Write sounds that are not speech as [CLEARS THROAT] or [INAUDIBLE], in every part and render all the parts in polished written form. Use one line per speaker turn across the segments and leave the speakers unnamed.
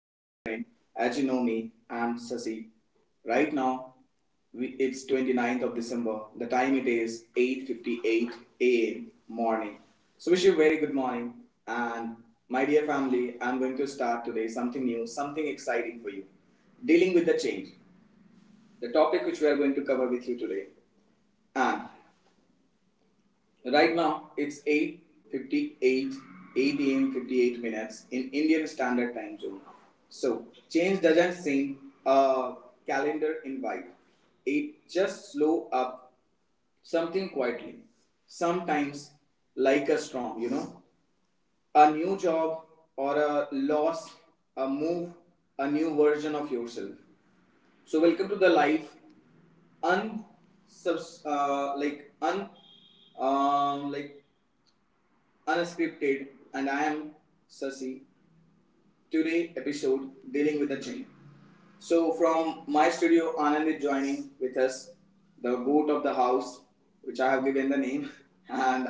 As you know me, I'm Sasi. Right now, it's 29th of December. The time it is 8:58 a.m. morning. So wish you a very good morning and my dear family, I'm going to start today something new, something exciting for you. Dealing with the change. The topic which we are going to cover with you today. And Right now, it's 8:58, 8 a.m. 58 minutes in Indian Standard Time Zone. So, change doesn't seem a calendar invite. It just slow up something quietly. Sometimes like a storm, A new job or a loss, a move, a new version of yourself. So, welcome to the life un subs like un like Unscripted, and I am Sasi. Today episode dealing with the chain. So from my studio, Anand is joining with us, the goat of the house, which I have given the name, [LAUGHS] and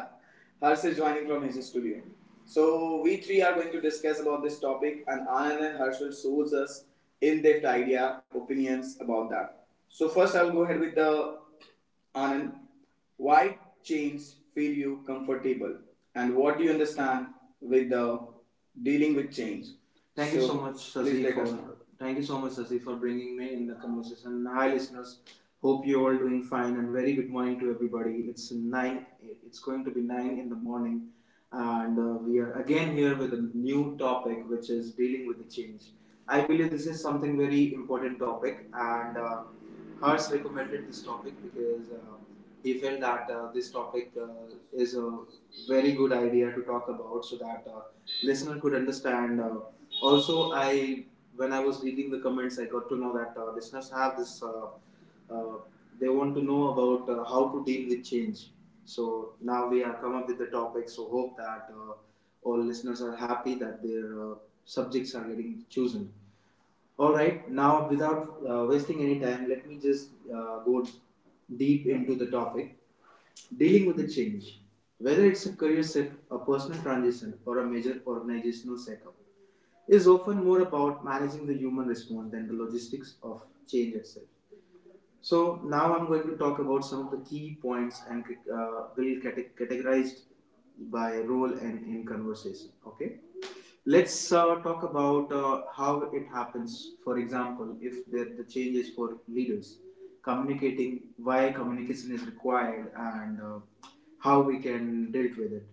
Harsh is joining from his studio. So we three are going to discuss about this topic, and Anand and Harsh will source us in-depth idea, opinions about that. So first, I'll go ahead with the Anand, why chains feel you comfortable and what do you understand with the dealing with chains? Thank so, you so much, Sasi, thank you so much, Sasi, for bringing me in the conversation. Hi, listeners. Hope you're all doing fine, and very good morning to everybody. It's nine. It's going to be nine in the morning, and we are again here with a new topic, which is dealing with the change. I believe this is something very important topic, and Hers recommended this topic because he felt that this topic is a very good idea to talk about, so that listener could understand. Also, I When I was reading the comments, I got to know that listeners have this. Uh, they want to know about how to deal with change. So now we have come up with the topic. So hope that all listeners are happy that their subjects are getting chosen. All right, now without wasting any time, let me just go deep into the topic dealing with the change. Whether it's a career shift, a personal transition, or a major organizational setup, is often more about managing the human response than the logistics of change itself. So now I'm going to talk about some of the key points, and will categorized by role and in conversation. Okay, let's talk about how it happens. For example, if the change is for leaders, communicating why communication is required and how we can dealt with it.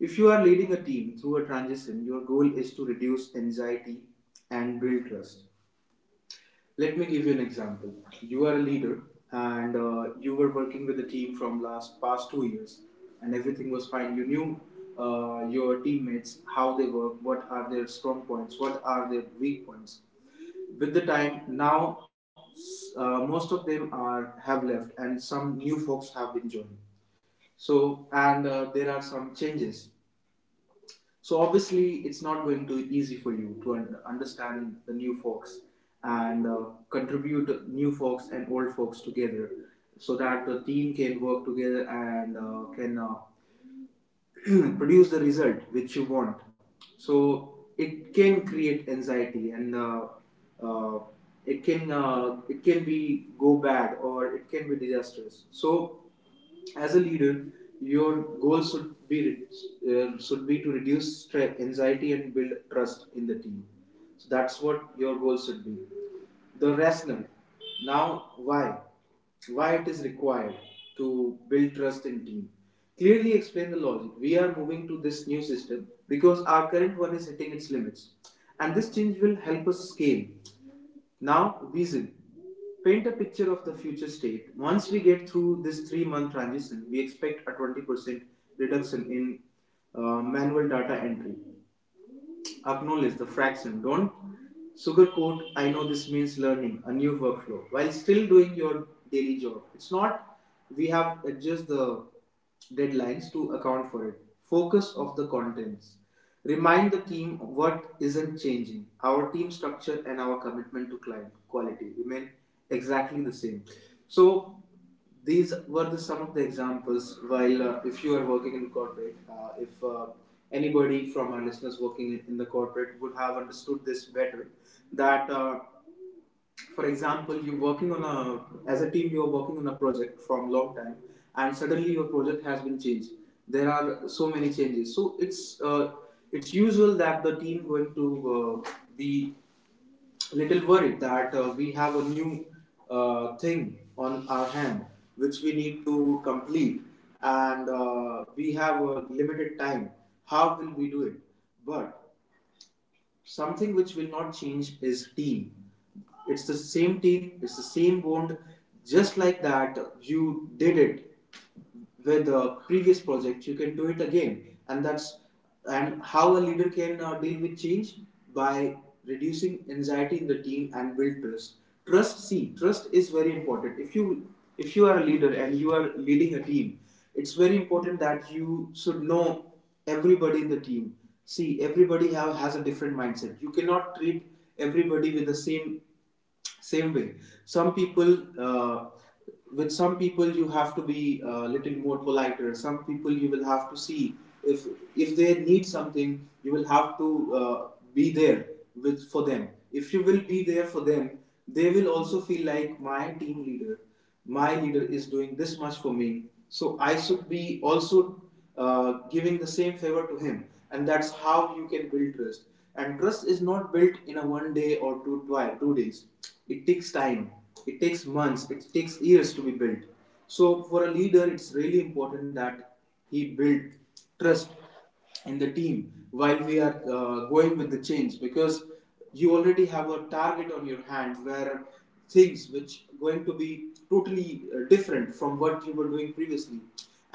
If you are leading a team through a transition, your goal is to reduce anxiety and build trust. Let me give you an example. You are a leader, and you were working with a team from last past 2 years, and everything was fine. You knew your teammates, how they work, what are their strong points, what are their weak points. With the time, now most of them are have left and some new folks have been joined. So and there are some changes, so obviously, it's not going to be easy for you to understand the new folks and contribute new folks and old folks together, so that the team can work together and can [CLEARS THROAT] produce the result which you want. So it can create anxiety, and uh, it can be go bad or it can be disastrous. So as a leader your goal should be to reduce anxiety and build trust in the team, so that's what your goal should be. The rationale, now, why it is required to build trust in team. Clearly explain the logic: we are moving to this new system because our current one is hitting its limits, and this change will help us scale. Now, vision. Paint a picture of the future state. Once we get through this 3 month transition, we expect a 20% reduction in manual data entry. Acknowledge the fraction. Don't sugarcoat. I know this means learning a new workflow while still doing your daily job. It's not, we have adjust the deadlines to account for it. Focus of the contents. Remind the team what isn't changing. Our team structure and our commitment to client quality remain exactly the same. So these were the some of the examples. While if you are working in corporate, if anybody from our listeners working in the corporate would have understood this better, that for example you're working on a as a team, you're working on a project from long time, and suddenly your project has been changed. There are so many changes, so it's it's usual that the team going to uh, be little worried that we have a new thing on our hand which we need to complete, and we have a limited time, how will we do it. But something which will not change is team. It's the same team, it's the same bond. Just like that, you did it with the previous project. You can do it again, and that's, and how a leader can deal with change, by reducing anxiety in the team and build trust. Trust, see, trust is very important. If you are a leader and you are leading a team, it's very important that you should know everybody in the team. See, everybody have, has a different mindset. You cannot treat everybody with the same way. Some people, uh, with some people, you have to be a little more politer. Some people, you will have to see if if they need something, you will have to uh, be there with for them. If you will be there for them, they will also feel like my team leader, my leader is doing this much for me, so I should be also giving the same favor to him, and that's how you can build trust. And trust is not built in a one day or two 2 days. It takes time, it takes months, it takes years to be built. So for a leader it's really important that he build trust in the team while we are going with the change, because you already have a target on your hand where things which are going to be totally different from what you were doing previously.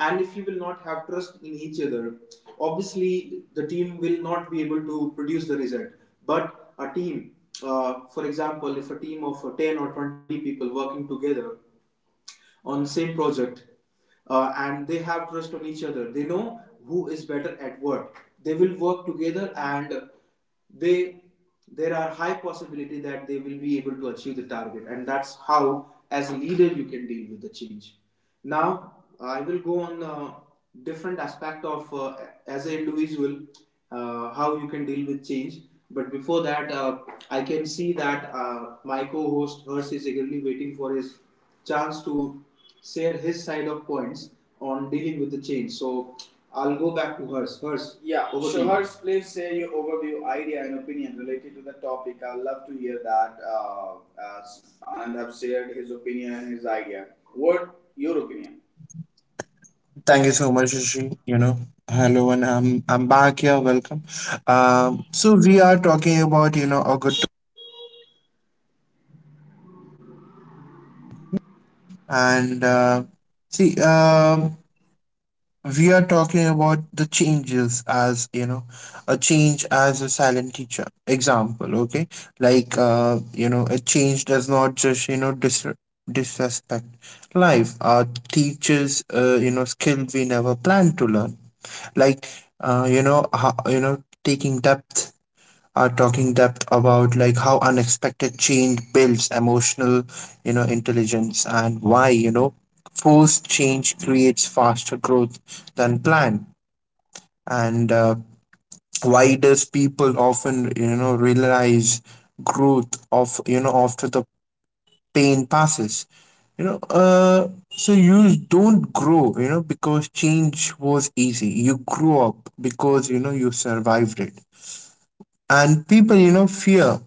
And if you will not have trust in each other, obviously the team will not be able to produce the result. But a team, for example if a team of 10 or 20 people working together on the same project, and they have trust on each other, they know who is better at what, they will work together, and they there are high possibility that they will be able to achieve the target. And that's how, as a leader, you can deal with the change. Now I will go on different aspect of as an individual, how you can deal with change. But before that, I can see that my co-host Hers is eagerly waiting for his chance to share his side of points on dealing with the change. So I'll go back to Hers. Hers, yeah, over to you. Harsh, please share your overview, idea, and opinion related to the topic. I'd love to hear that. Anand have shared his opinion and his idea. What your opinion?
Thank you so much, Rishi. Hello, and I'm back here. Welcome. So we are talking about a good and see, we are talking about the changes, as you know a change as a silent teacher. Example, okay, like a change does not just disrespect life. Teaches skill we never planned to learn, like how, taking depth are talking depth about like how unexpected change builds emotional, intelligence, and why, forced change creates faster growth than planned. And why does people often, realize growth of, after the pain passes? So you don't grow, because change was easy. You grew up because, you survived it. And people, you know, fear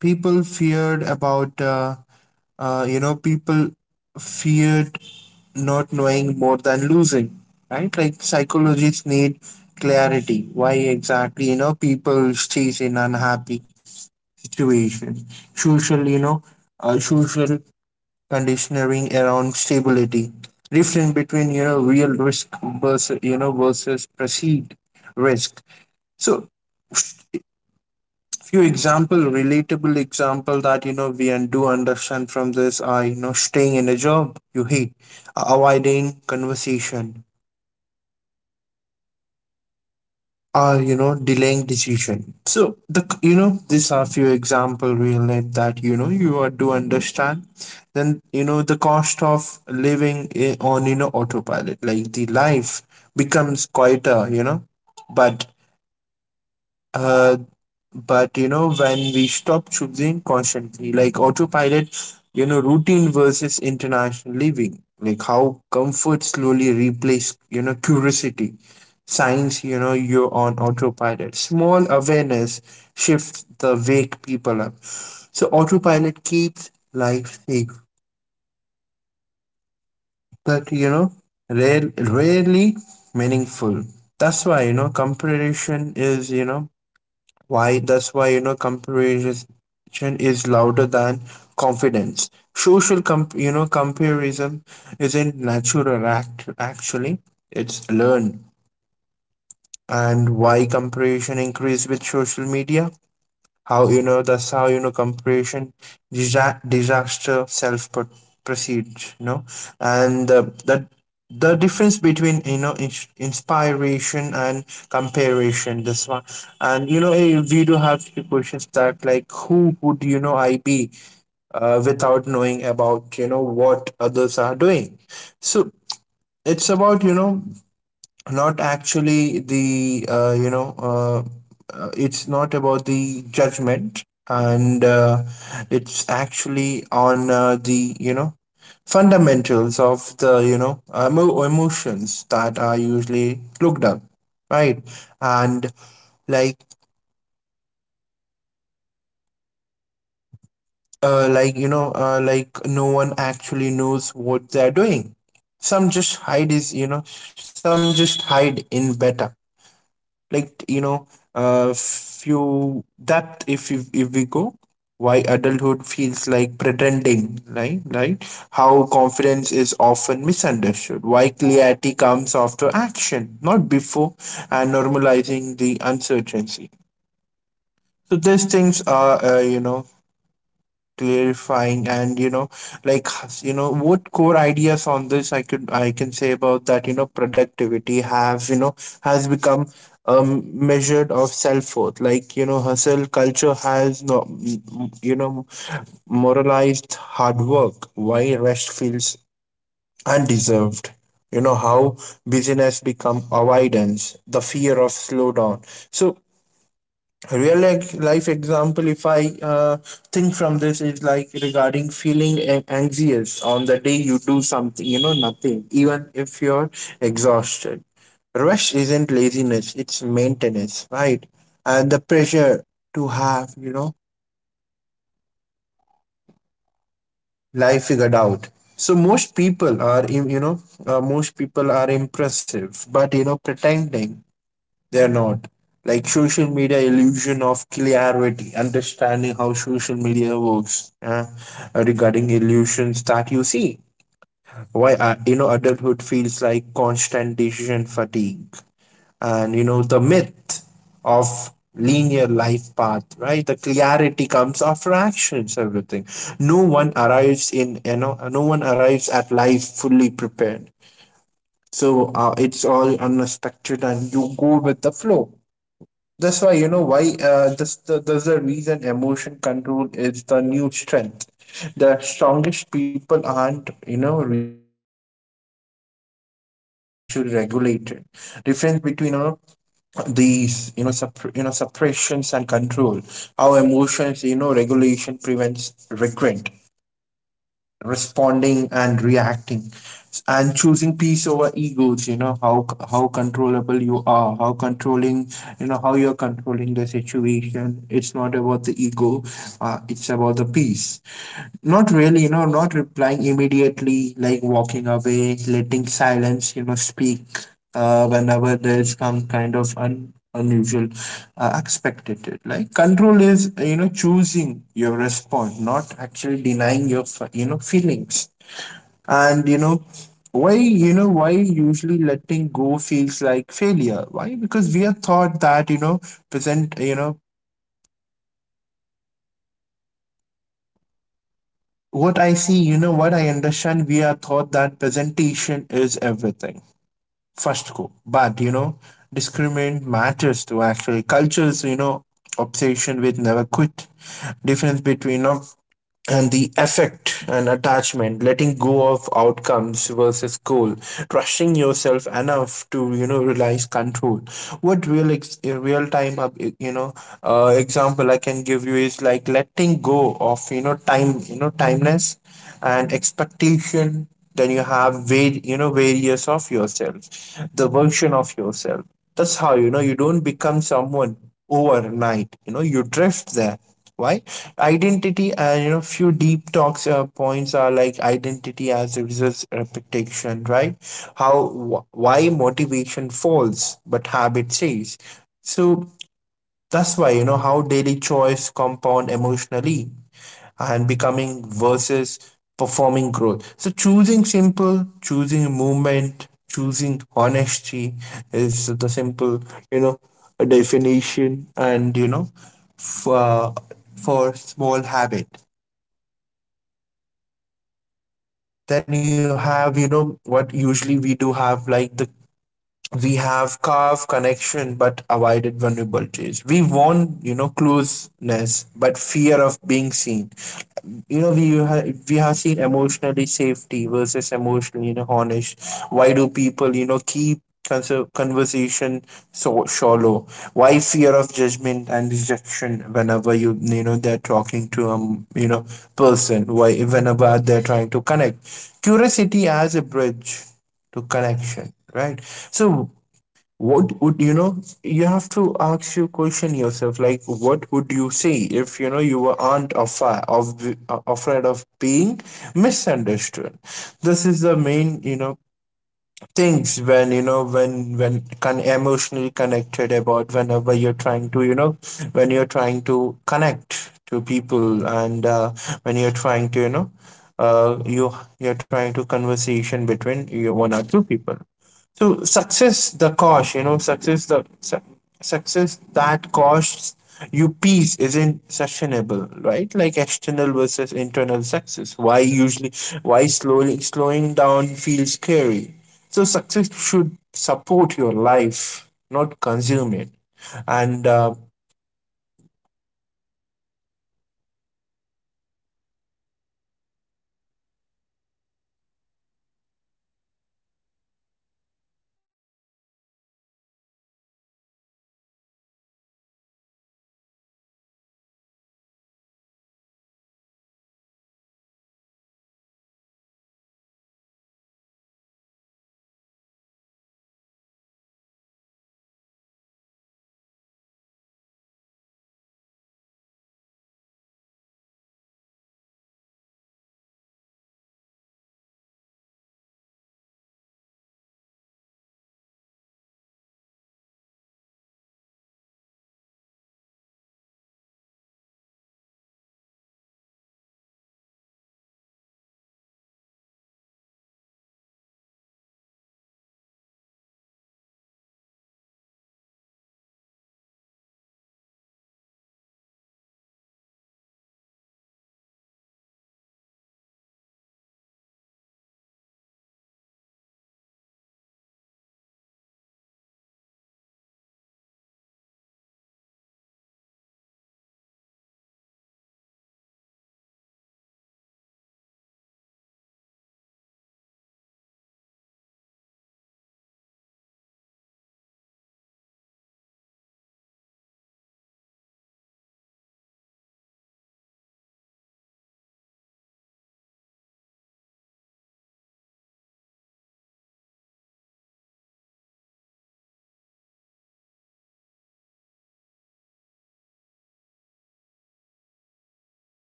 people feared about people feared not knowing more than losing, right? Like psychologists need clarity why exactly people stays in unhappy situation, social social conditioning around stability, difference between real risk versus perceived risk. So few example, relatable example that we and do understand from this are, staying in a job you hate, avoiding conversation, or delaying decision. So the these are few example real life that you are do understand. Then the cost of living on autopilot, like the life becomes quieter, but uh, when we stop choosing constantly, like autopilot, routine versus international living, like how comfort slowly replace, curiosity. Signs, you're on autopilot. Small awareness shifts the wake people up. So autopilot keeps life safe, but rarely meaningful. That's why, you know, comparison is, you know, Why? That's why comparison is louder than confidence. Social comparison isn't natural actually. It's learned. And why comparison increase with social media? How that's how comparison disaster self proceeds. You know, and the difference between inspiration and comparison. This one, and we do have few questions that like who would I be without knowing about what others are doing. So it's about not actually the it's not about the judgment, and it's actually on the fundamentals of the emotions that are usually looked up, right? And like like no one actually knows what they're doing. Some just hide is, some just hide in better, like, few that if you, if we go, why adulthood feels like pretending, right? Right. How confidence is often misunderstood. Why clarity comes after action, not before. And normalizing the uncertainty. So these things are, clarifying and, like, what core ideas on this I could, I can say about that? Productivity have, has become measured of self-worth. Like, hustle culture has not, you know moralized hard work. Why rest feels undeserved. How busyness become avoidance, the fear of slowdown. So real life example, if I think from this, is like regarding feeling anxious on the day you do something, nothing, even if you're exhausted. Rush isn't laziness, it's maintenance, right? And the pressure to have, life figured out. So most people are impressive but, pretending they're not. Like social media illusion of clarity, understanding how social media works, regarding illusions that you see. Why, adulthood feels like constant decision fatigue, and the myth of linear life path, right? The clarity comes after actions, everything. No one arrives in you know no one arrives at life fully prepared. So, it's all unexpected, and you go with the flow. That's why you know why. That's the reason emotion control is the new strength. The strongest people aren't, reactive; they are actually regulated. Difference between you know these you know supp- you know suppressions and control. How emotions, regulation prevents regret, responding and reacting, and choosing peace over egos. How controllable you are, how controlling, how you're controlling the situation, it's not about the ego, it's about the peace. Not really, not replying immediately, like walking away, letting silence, speak whenever there's some kind of un unusual, expected. Like control is, choosing your response, not actually denying your, feelings. And, why usually letting go feels like failure? Why? Because we are taught that, present, you know, what I see, what I understand, we are taught that presentation is everything. First go. But, discriminant matters to actually cultures, obsession with never quit. Difference between, and the effect, and attachment, letting go of outcomes versus goal, trusting yourself enough to, realize control. What real real time example I can give you is like letting go of, time, timeless and expectation. Then you have various of yourself, the version of yourself. That's how, you don't become someone overnight. You know, you drift there. Why identity and, few deep talks points are like identity as a result repetition, right? How, why motivation falls but habit stays. So that's why, how daily choice compound emotionally and becoming versus performing growth. So choosing simple, choosing movement, choosing honesty is the simple, you know, definition and, for small habit. Then you have, what usually we do have like the, we have carved connection but avoided vulnerabilities. We want, closeness but fear of being seen. We have seen emotionally safety versus emotionally, honest. Why do people, keep conversation so shallow? Why fear of judgment and rejection whenever you, you know they're talking to person. Why whenever they're trying to connect, curiosity as a bridge to connection, right? So what would, you have to ask your question yourself like what would you say if, you were aren't afraid of being misunderstood. This is the main, things when, emotionally connected about whenever you're trying to, when you're trying to connect to people and, when you're trying to, you know you you're trying to conversation between you one or two people. So success the cost, you know, success the su- success that costs you peace isn't sustainable, right? Like external versus internal success. Why usually, why slowly slowing down feels scary. So success should support your life, not consume it. And
Yeah, thank you, Harsh. Thank you for showing your idea. I think Harsh have some network discrepancy. Harsh audio is not clearly like audible. So, let us go ahead with that, and I'll try to guide you guys with a few of the points. Like human uh, love, familiarity, you know, and even when it's not good for us, change uh, like is certain. You know, our bodies see it is danger, and it is, that's why like resistance is natural. So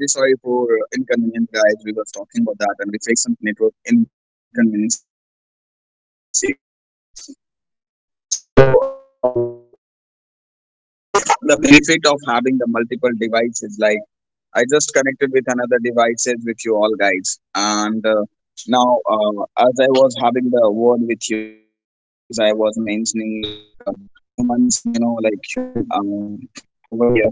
Yeah, so I'm very sorry for inconvenience, guys. We were talking about that, and we faced some network inconvenience. So, like this is the benefit of having the multiple devices. Like I just connected with another devices with you all guys, and now as I was having the word with you, as I was mentioning, like humans, you know, like human over here,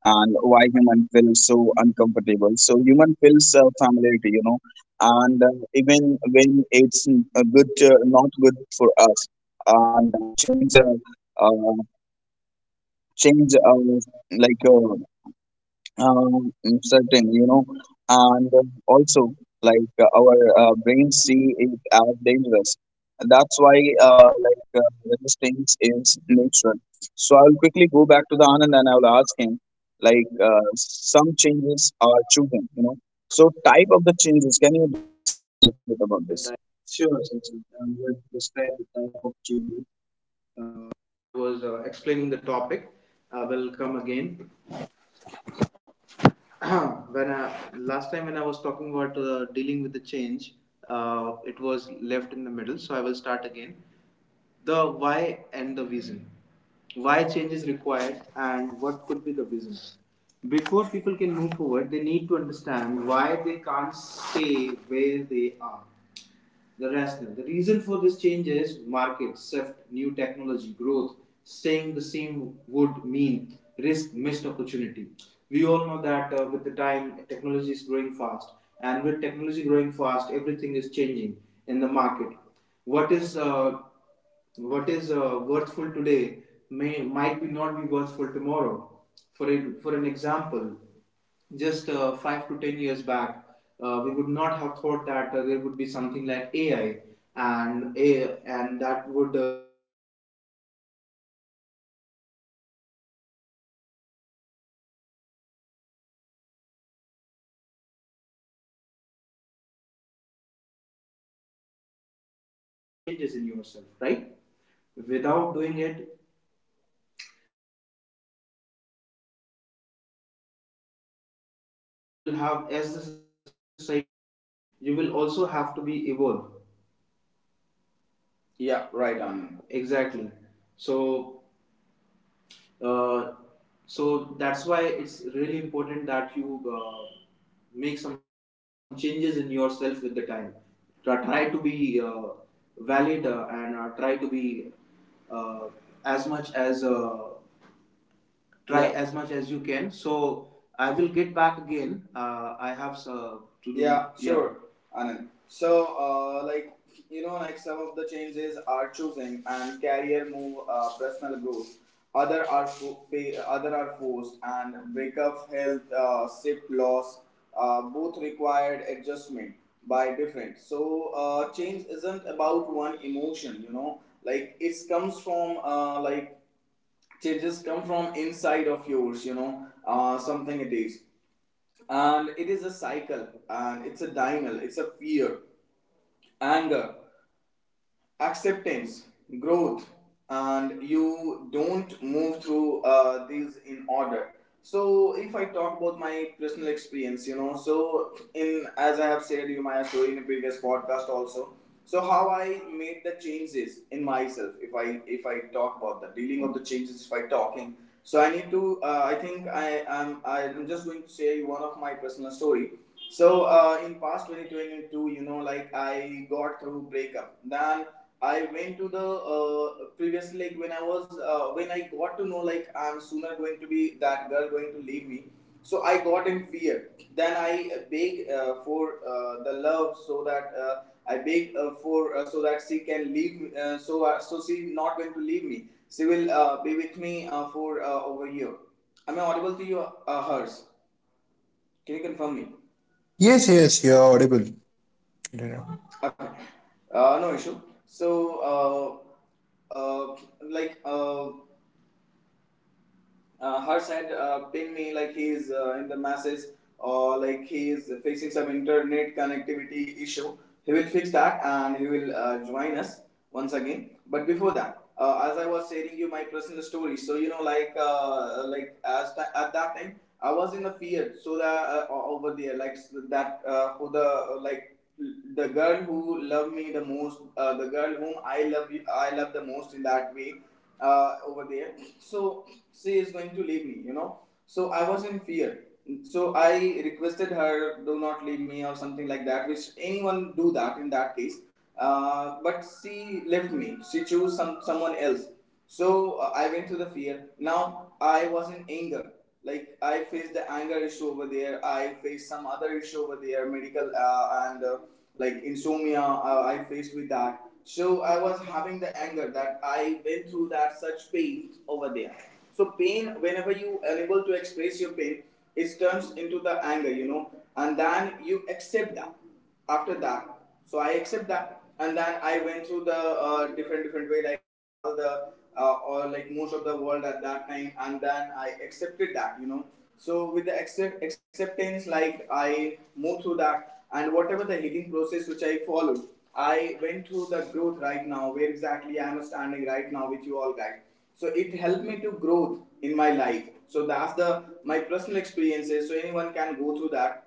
and why human feels so uncomfortable. So human feels familiarity, you know, and even when it's a good, not good for us, and change, like. Uh, um, certain, you know, and also like our brains dangerous. That's why like resistance is natural. So I'll quickly go back to the Anand and I'll ask him like some changes are chosen, you know. So type of the changes, can you describe a little bit about this? Sure, sure, sure. I will describe the type of changes.
I was explaining the topic. I will come again. [CLEARS THROAT] Last time when I was talking about dealing with the change, it was left in the middle. So I will start again the why and the vision. Why change is required and what could be the vision. Before people can move forward, they need to understand why they can't stay where they are. The rationale. The reason for this change is market, shift, new technology, growth. Staying the same would mean risk, missed opportunity. We all know that with the time, technology is growing fast, and with technology growing fast, everything is changing in the market. What is uh, what is worthful today may might be not be worthful tomorrow. For an example, just 5 to 10 years back, we would not have thought that there would be something like AI and a and that would do our work which we can doing right now, like calculating or other stuff in within a span of seconds. Now we have that. So if you want to be part of the growth, you will have to make some changes in yourself, right? Without doing it, uh, you cannot reach the goal because you will have as the society is evolving, you will also have to be evolved. Exactly. So Uh, so that's why it's really important that you make some changes in yourself with the time. Try to be valid and try to be uh, as much as try. Yeah, as much as you can. So I will get back again. I have to do. Yeah, sure, yeah. Anand. So, like you know, like some of the changes are choosing and career move, personal growth. Other are pay, other are forced and breakup, health, sick, loss. Both required adjustment by different. So, change isn't about one emotion. You know, like it comes from like changes come from inside of yours, you know, something it is, and it is a cycle and it's a diamond. It's a fear, anger, acceptance, growth, and you don't move through these in order. So, if I talk about my personal experience, you know, so in as I have said you my story in a previous podcast also. So, how I made the changes in myself, if I talk about the dealing of the changes, if I talking. So, I need to. I think I am. I'm just going to share you one of my personal story. So in past 2022, you know, like I got through breakup. Then I went to the previously, like when I was when I got to know, like I'm sooner going to be that girl going to leave me. So I got in fear. Then I beg for the love so that I beg for so that she can leave me. So so she not going to leave me. She will be with me for over here. Am I audible to you? Hers. Can you confirm me?
Yes, yes, you're audible. Yeah.
Okay. No issue. So. Uh, like Harsh had pinged me, like he is in the masses or like he is facing some internet connectivity issue. He will fix that and he will join us once again. But before that, as I was sharing you my personal story, so you know, like as at that time, I was in the fear. So that over there, like that, who the like the girl who loved me the most, the girl whom I love the most in that way over there. So she is going to leave me, you know. So I was in fear. So I requested her, do not leave me or something like that, which anyone do that in that case. But she left me. She chose someone else. So I went to the fear. Now I was in anger. Like I faced the anger issue over there. I faced some other issue over there, medical and like insomnia. I faced with that. So I was having the anger that I went through that such pain over there. So pain, whenever you unable to express your pain, it turns into the anger, you know, and then you accept that. After that, so I accept that, and then I went through the different different way. Like I travel the or like most of the world at that time, and then I accepted that, you know. So with the acceptance, like I moved through that, and whatever the healing process which I followed, I went through the growth right now, where exactly I am standing right now with you all guys. So it helped me to growth in my life. So that's the my personal experiences. So anyone can go through that,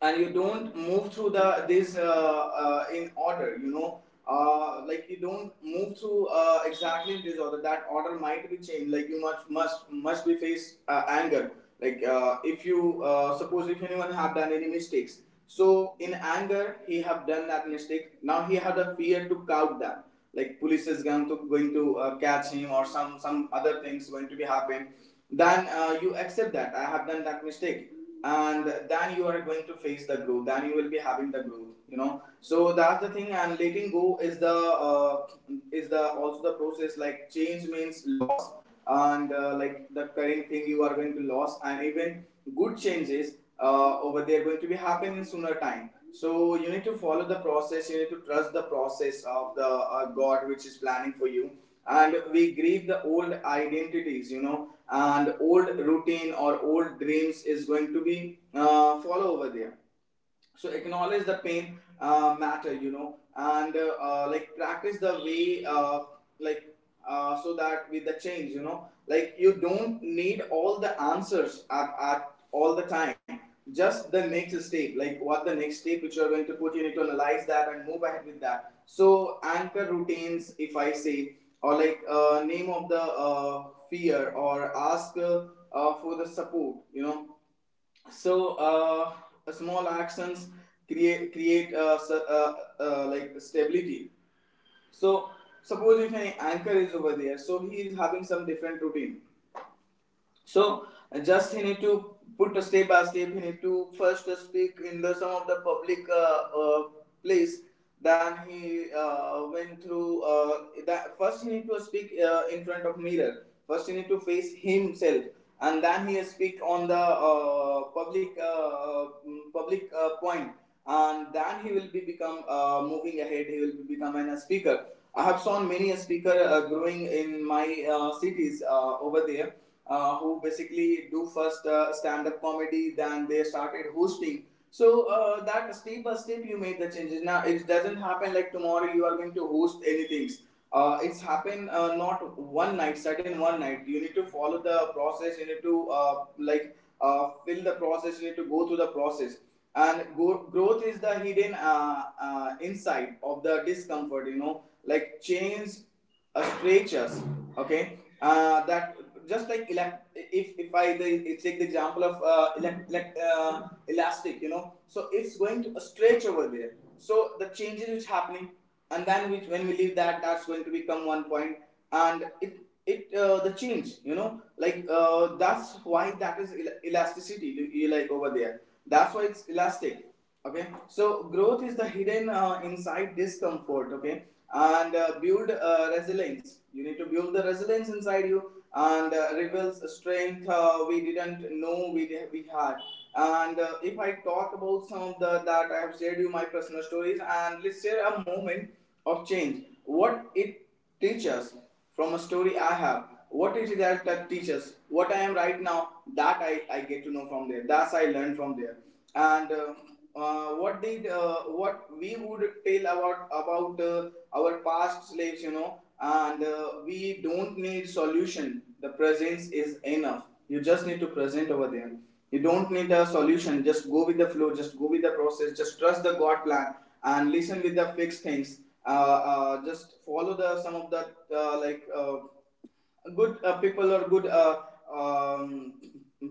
and you don't move through the this in order, you know. Like you don't move through exactly in this order. That order might be changed. Like you must be face anger. Like if you suppose if anyone have done any mistakes, so in anger he have done that mistake, now he have the fear to count that, like police is going to catch him or some other things going to be happen. Then you accept that I have done that mistake, and then you are going to face the growth. Then you will be having the growth, you know. So that's the thing. And letting go uh, is the also the process. Like change means loss, and like the current thing you are going to lose, and even good changes over there going to be happening in sooner time. So you need to follow the process. You need to trust the process of the God which is planning for you. And we grieve the old identities, you know, and old routine or old dreams is going to be follow over there. So acknowledge the pain matter, you know, and like practice the way like so that with the change, you know, like you don't need all the answers at all the time. Just the next step, like what the next step which you are going to put, you need to analyze that and move ahead with that. So anchor routines, if I say, or like name of the fear, or ask for the support, you know. So small actions create like stability. So suppose if an anchor is over there, so he is having some different routine. So just he need to put a step by step. He need to first speak in the some of the public place. Then he went through that. First he need to speak in front of mirror. First he need to face himself, and then he speak on the public public point. And then he will be become moving ahead. He will be become a speaker. I have seen many a speaker growing in my cities over there, who basically do first stand-up comedy, then they started hosting. So that step by step you made the changes. Now it doesn't happen like tomorrow you are going to host anything. It's happen not one night, sudden one night. You need to follow the process. You need to like fill the process. You need to go through the process. And growth is the hidden inside of the discomfort, you know. Like change stretches, okay, that. Just like if take the example of elastic, you know. So it's going to stretch over there. So the changes which happening, and then which when we leave that, that's going to become one point. And it the change, you know, like that's why that is elasticity, you like over there. That's why it's elastic. Okay. So growth is the hidden inside discomfort. Okay. And build resilience. You need to build the resilience inside you. And reveals strength we didn't know we had. And if I talk about some of the that I have shared you my personal stories, and let's share a moment of change, what it teach us from a story I have. What is it that teaches? What I am right now, that I get to know from there. That's I learned from there. And what did What we would tell about our past slaves, you know? And We don't need solution. The presence is enough. You just need to present over there. You don't need a solution. Just go with the flow. Just go with the process. Just trust the God plan and listen with the fixed things. Just follow the some of the uh, like uh, good people or good um,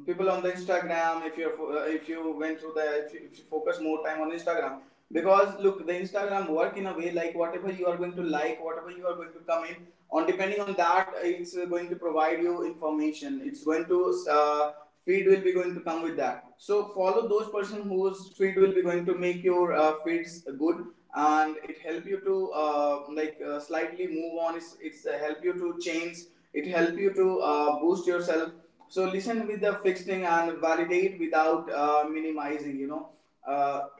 people on the Instagram. If you went through the if if you focus more time on Instagram, because look, the Instagram work in a way like whatever you are going to like, whatever you are going to comment on, depending on that it's going to provide you information. It's going to feed will be going to come with that. So follow those person whose feed will be going to make your feeds good, and it help you to slightly move on. It's help you to change, it help you to boost yourself. So listen with the fixing and validate without minimizing, you know uh,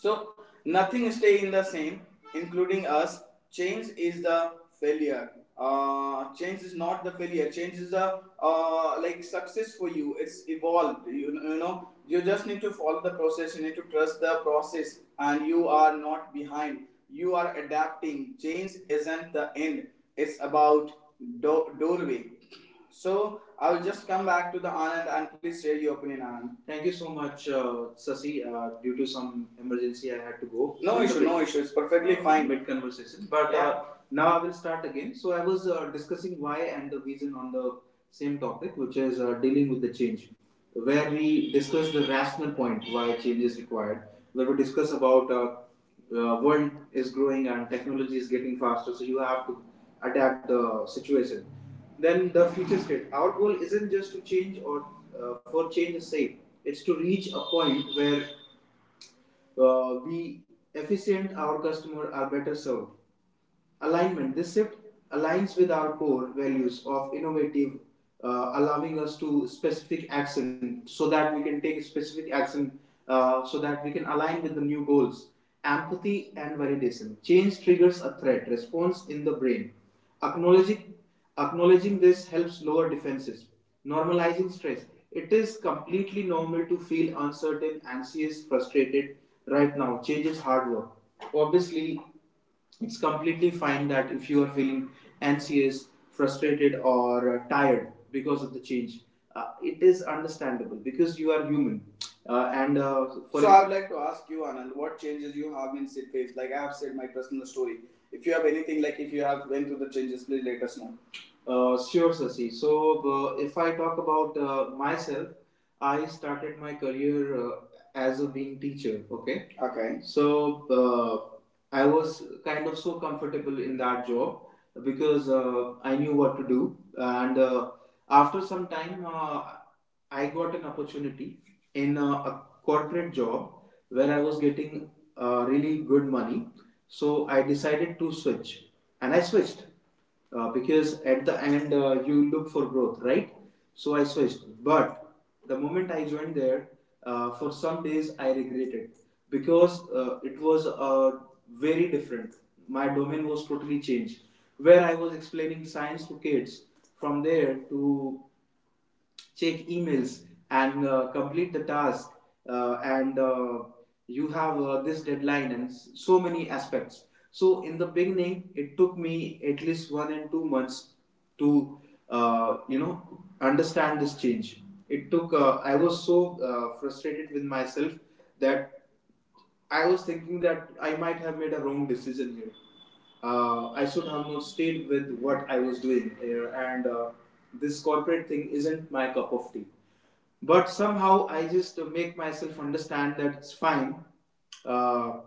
so nothing stay in the same, including us. Change is the failure. Change is not the failure. Change is the success for you. It's evolved. You know you just need to follow the process. You need to trust the process, and you are not behind. You are adapting. Change isn't the end. It's about doorway. So I'll just come back to the Anand and please share your opinion, Anand. Thank you so much, Sasi. Due to some emergency, I had to go. No issue, no issue. It's perfectly fine. Mid conversation. But yeah, now I will start again. So I was discussing why and the reason on the same topic, which is dealing with the change, where we discuss the rational point why change is required, where we discuss about the world is growing and technology is getting faster, so you have to adapt the situation. Then the future state. Our goal isn't just to change or for change's sake. It's to reach a point where we efficient, our customer are better served, alignment, this shift aligns with our core values of innovative, allowing us to specific action so that we can take specific action, so that we can align with the new goals, empathy and validation. Change triggers a threat response in the brain. Acknowledging, acknowledging this helps lower defenses. Normalizing stress, it is completely normal to feel uncertain, anxious, frustrated right now. Change is hard work, obviously. It's completely fine that if you are feeling anxious, frustrated or tired because of the change, it is understandable because you are human, and for so I would like to ask you, Anand, what changes you have been faced? Like I have said my personal story. If you have anything, like if you have went through the changes, please let us know. Sure, Sasi. So, if I talk about myself, I started my career as a being teacher. Okay. Okay. So, I was kind of so comfortable in that job because I knew what to do. And after some time, I got an opportunity in a corporate job where I was getting really good money. So, I decided to switch, and I switched because at the end you look for growth, right? So I switched. But the moment I joined there, for some days I regretted because it was very different. My domain was totally changed. Where I was explaining science to kids, from there to check emails and complete the task, and you have this deadline and so many aspects. So in the beginning it took me at least 1 and 2 months to uh, you know understand this change. It took I was so frustrated with myself that I was thinking that I might have made a wrong decision here. I should have not stayed with what I was doing here, and this corporate thing isn't my cup of tea. But somehow I just make myself understand that it's fine. uh,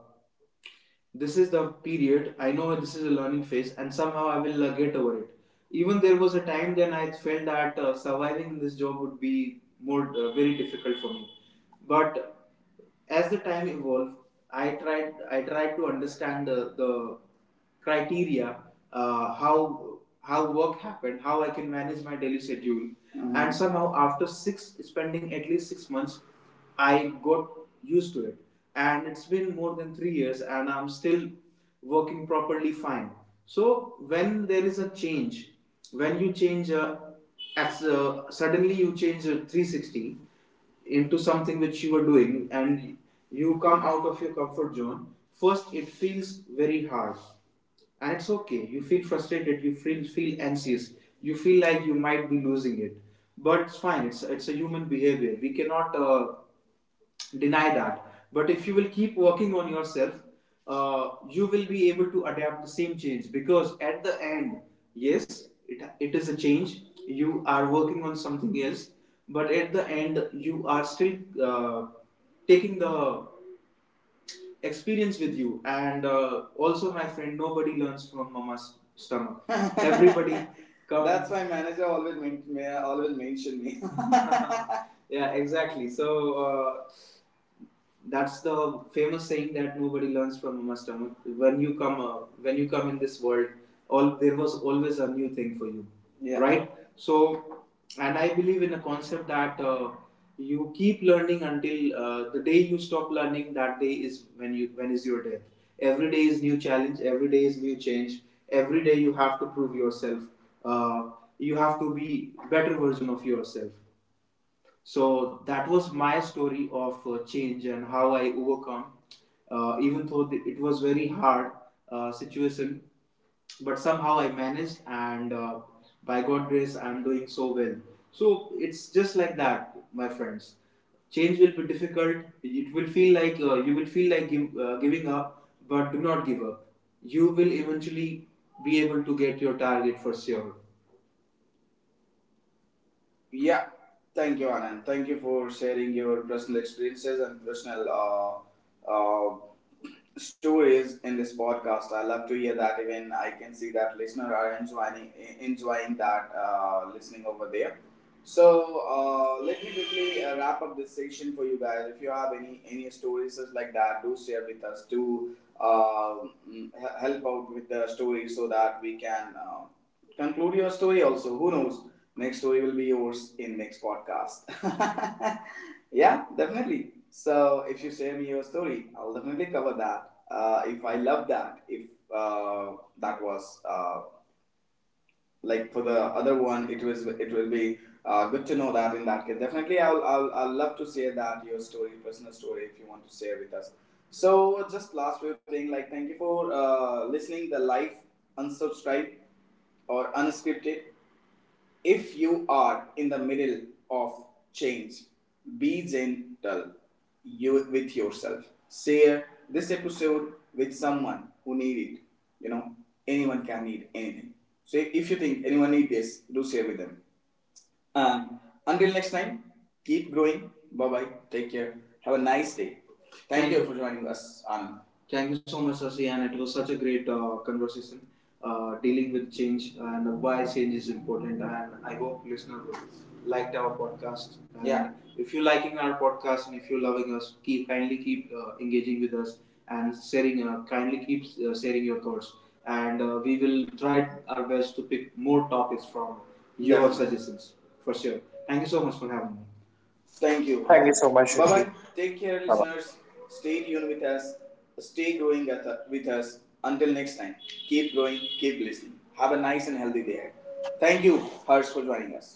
this is the period, I know this is a learning phase, and somehow I will get over it. Even there was a time then I felt that surviving this job would be more very difficult for me. But as the time evolved, I tried to understand the criteria, how work happened, how I can manage my daily schedule. Mhm. And somehow after six spending at least 6 months, I got used to it, and it's been more than 3 years, and I'm still working properly fine. So when there is a change, when you change suddenly, you change 360 into something which you were doing, and you come out of your comfort zone, first it feels very hard. And it's okay, you feel frustrated, you feel anxious, you feel like you might be losing it. But it's fine, it's a human behavior, we cannot deny that. But if you will keep working on yourself, you will be able to adapt the same change, because at the end, yes, it is a change, you are working on something else, but at the end, you are still uh, taking the experience with you. And also, my friend, nobody learns from mama's stomach. [LAUGHS] Everybody comes. That's why manager always always mention me. [LAUGHS] [LAUGHS] Yeah, exactly. So that's the famous saying that nobody learns from a master. When you come in this world, all there was always a new thing for you. Yeah. Right? So, and I believe in a concept that you keep learning until the day you stop learning. That day is when you when is your death. Every day is new challenge. Every day is new change. Every day you have to prove yourself. Uh, you have to be better version of yourself. So that was my story of change and how I overcome, even though it was very hard situation, but somehow I managed, and by God's grace, I'm doing so well. So it's just like that, my friends. Change will be difficult. It will feel like you will feel like giving up, but do not give up. You will eventually be able to get your target for sure. Yeah, thank you, Anand. Thank you for sharing your personal experiences and personal stories in this podcast. I love to hear that. Even I can see that listeners are enjoying that listening over there. So let me quickly wrap up this session for you guys. If you have any stories just like that, do share with us. Do mm, he- help out with the story so that we can conclude your story. Also, who knows? Next story will be yours in next podcast. [LAUGHS] Yeah, definitely. So if you share me your story, I'll definitely cover that. If I love that, if uh, that was for the other one, it will be good to know that. In that case, definitely, I'll love to share that your story, personal story, if you want to share with us. So just last few thing, like thank you for listening the live unsubscribed or unscripted. If you are in the middle of change, be gentle with yourself. Share this episode with someone who needs it. You know, anyone can need anything. So if you think anyone need this, do share with them. And until next time, keep growing. Bye bye. Take care. Have a nice day. Thank you for joining us, Anand. Thank you so much, Sasi, and it was such a great conversation dealing with change and why change is important. And I hope listeners liked our podcast. And yeah. If you're liking our podcast and if you're loving us, keep kindly keep engaging with us and sharing. Kindly keep sharing your thoughts, and we will try our best to pick more topics from your — definitely — suggestions for sure. Thank you so much for having me. Thank you,
Thank you
Anand.
so much,
Bye bye.
Rishi.
Take care, listeners. Stay tuned with us. Stay growing with us. Until next time, keep growing, keep listening. Have a nice and healthy day. Thank you, Harsh, for joining us.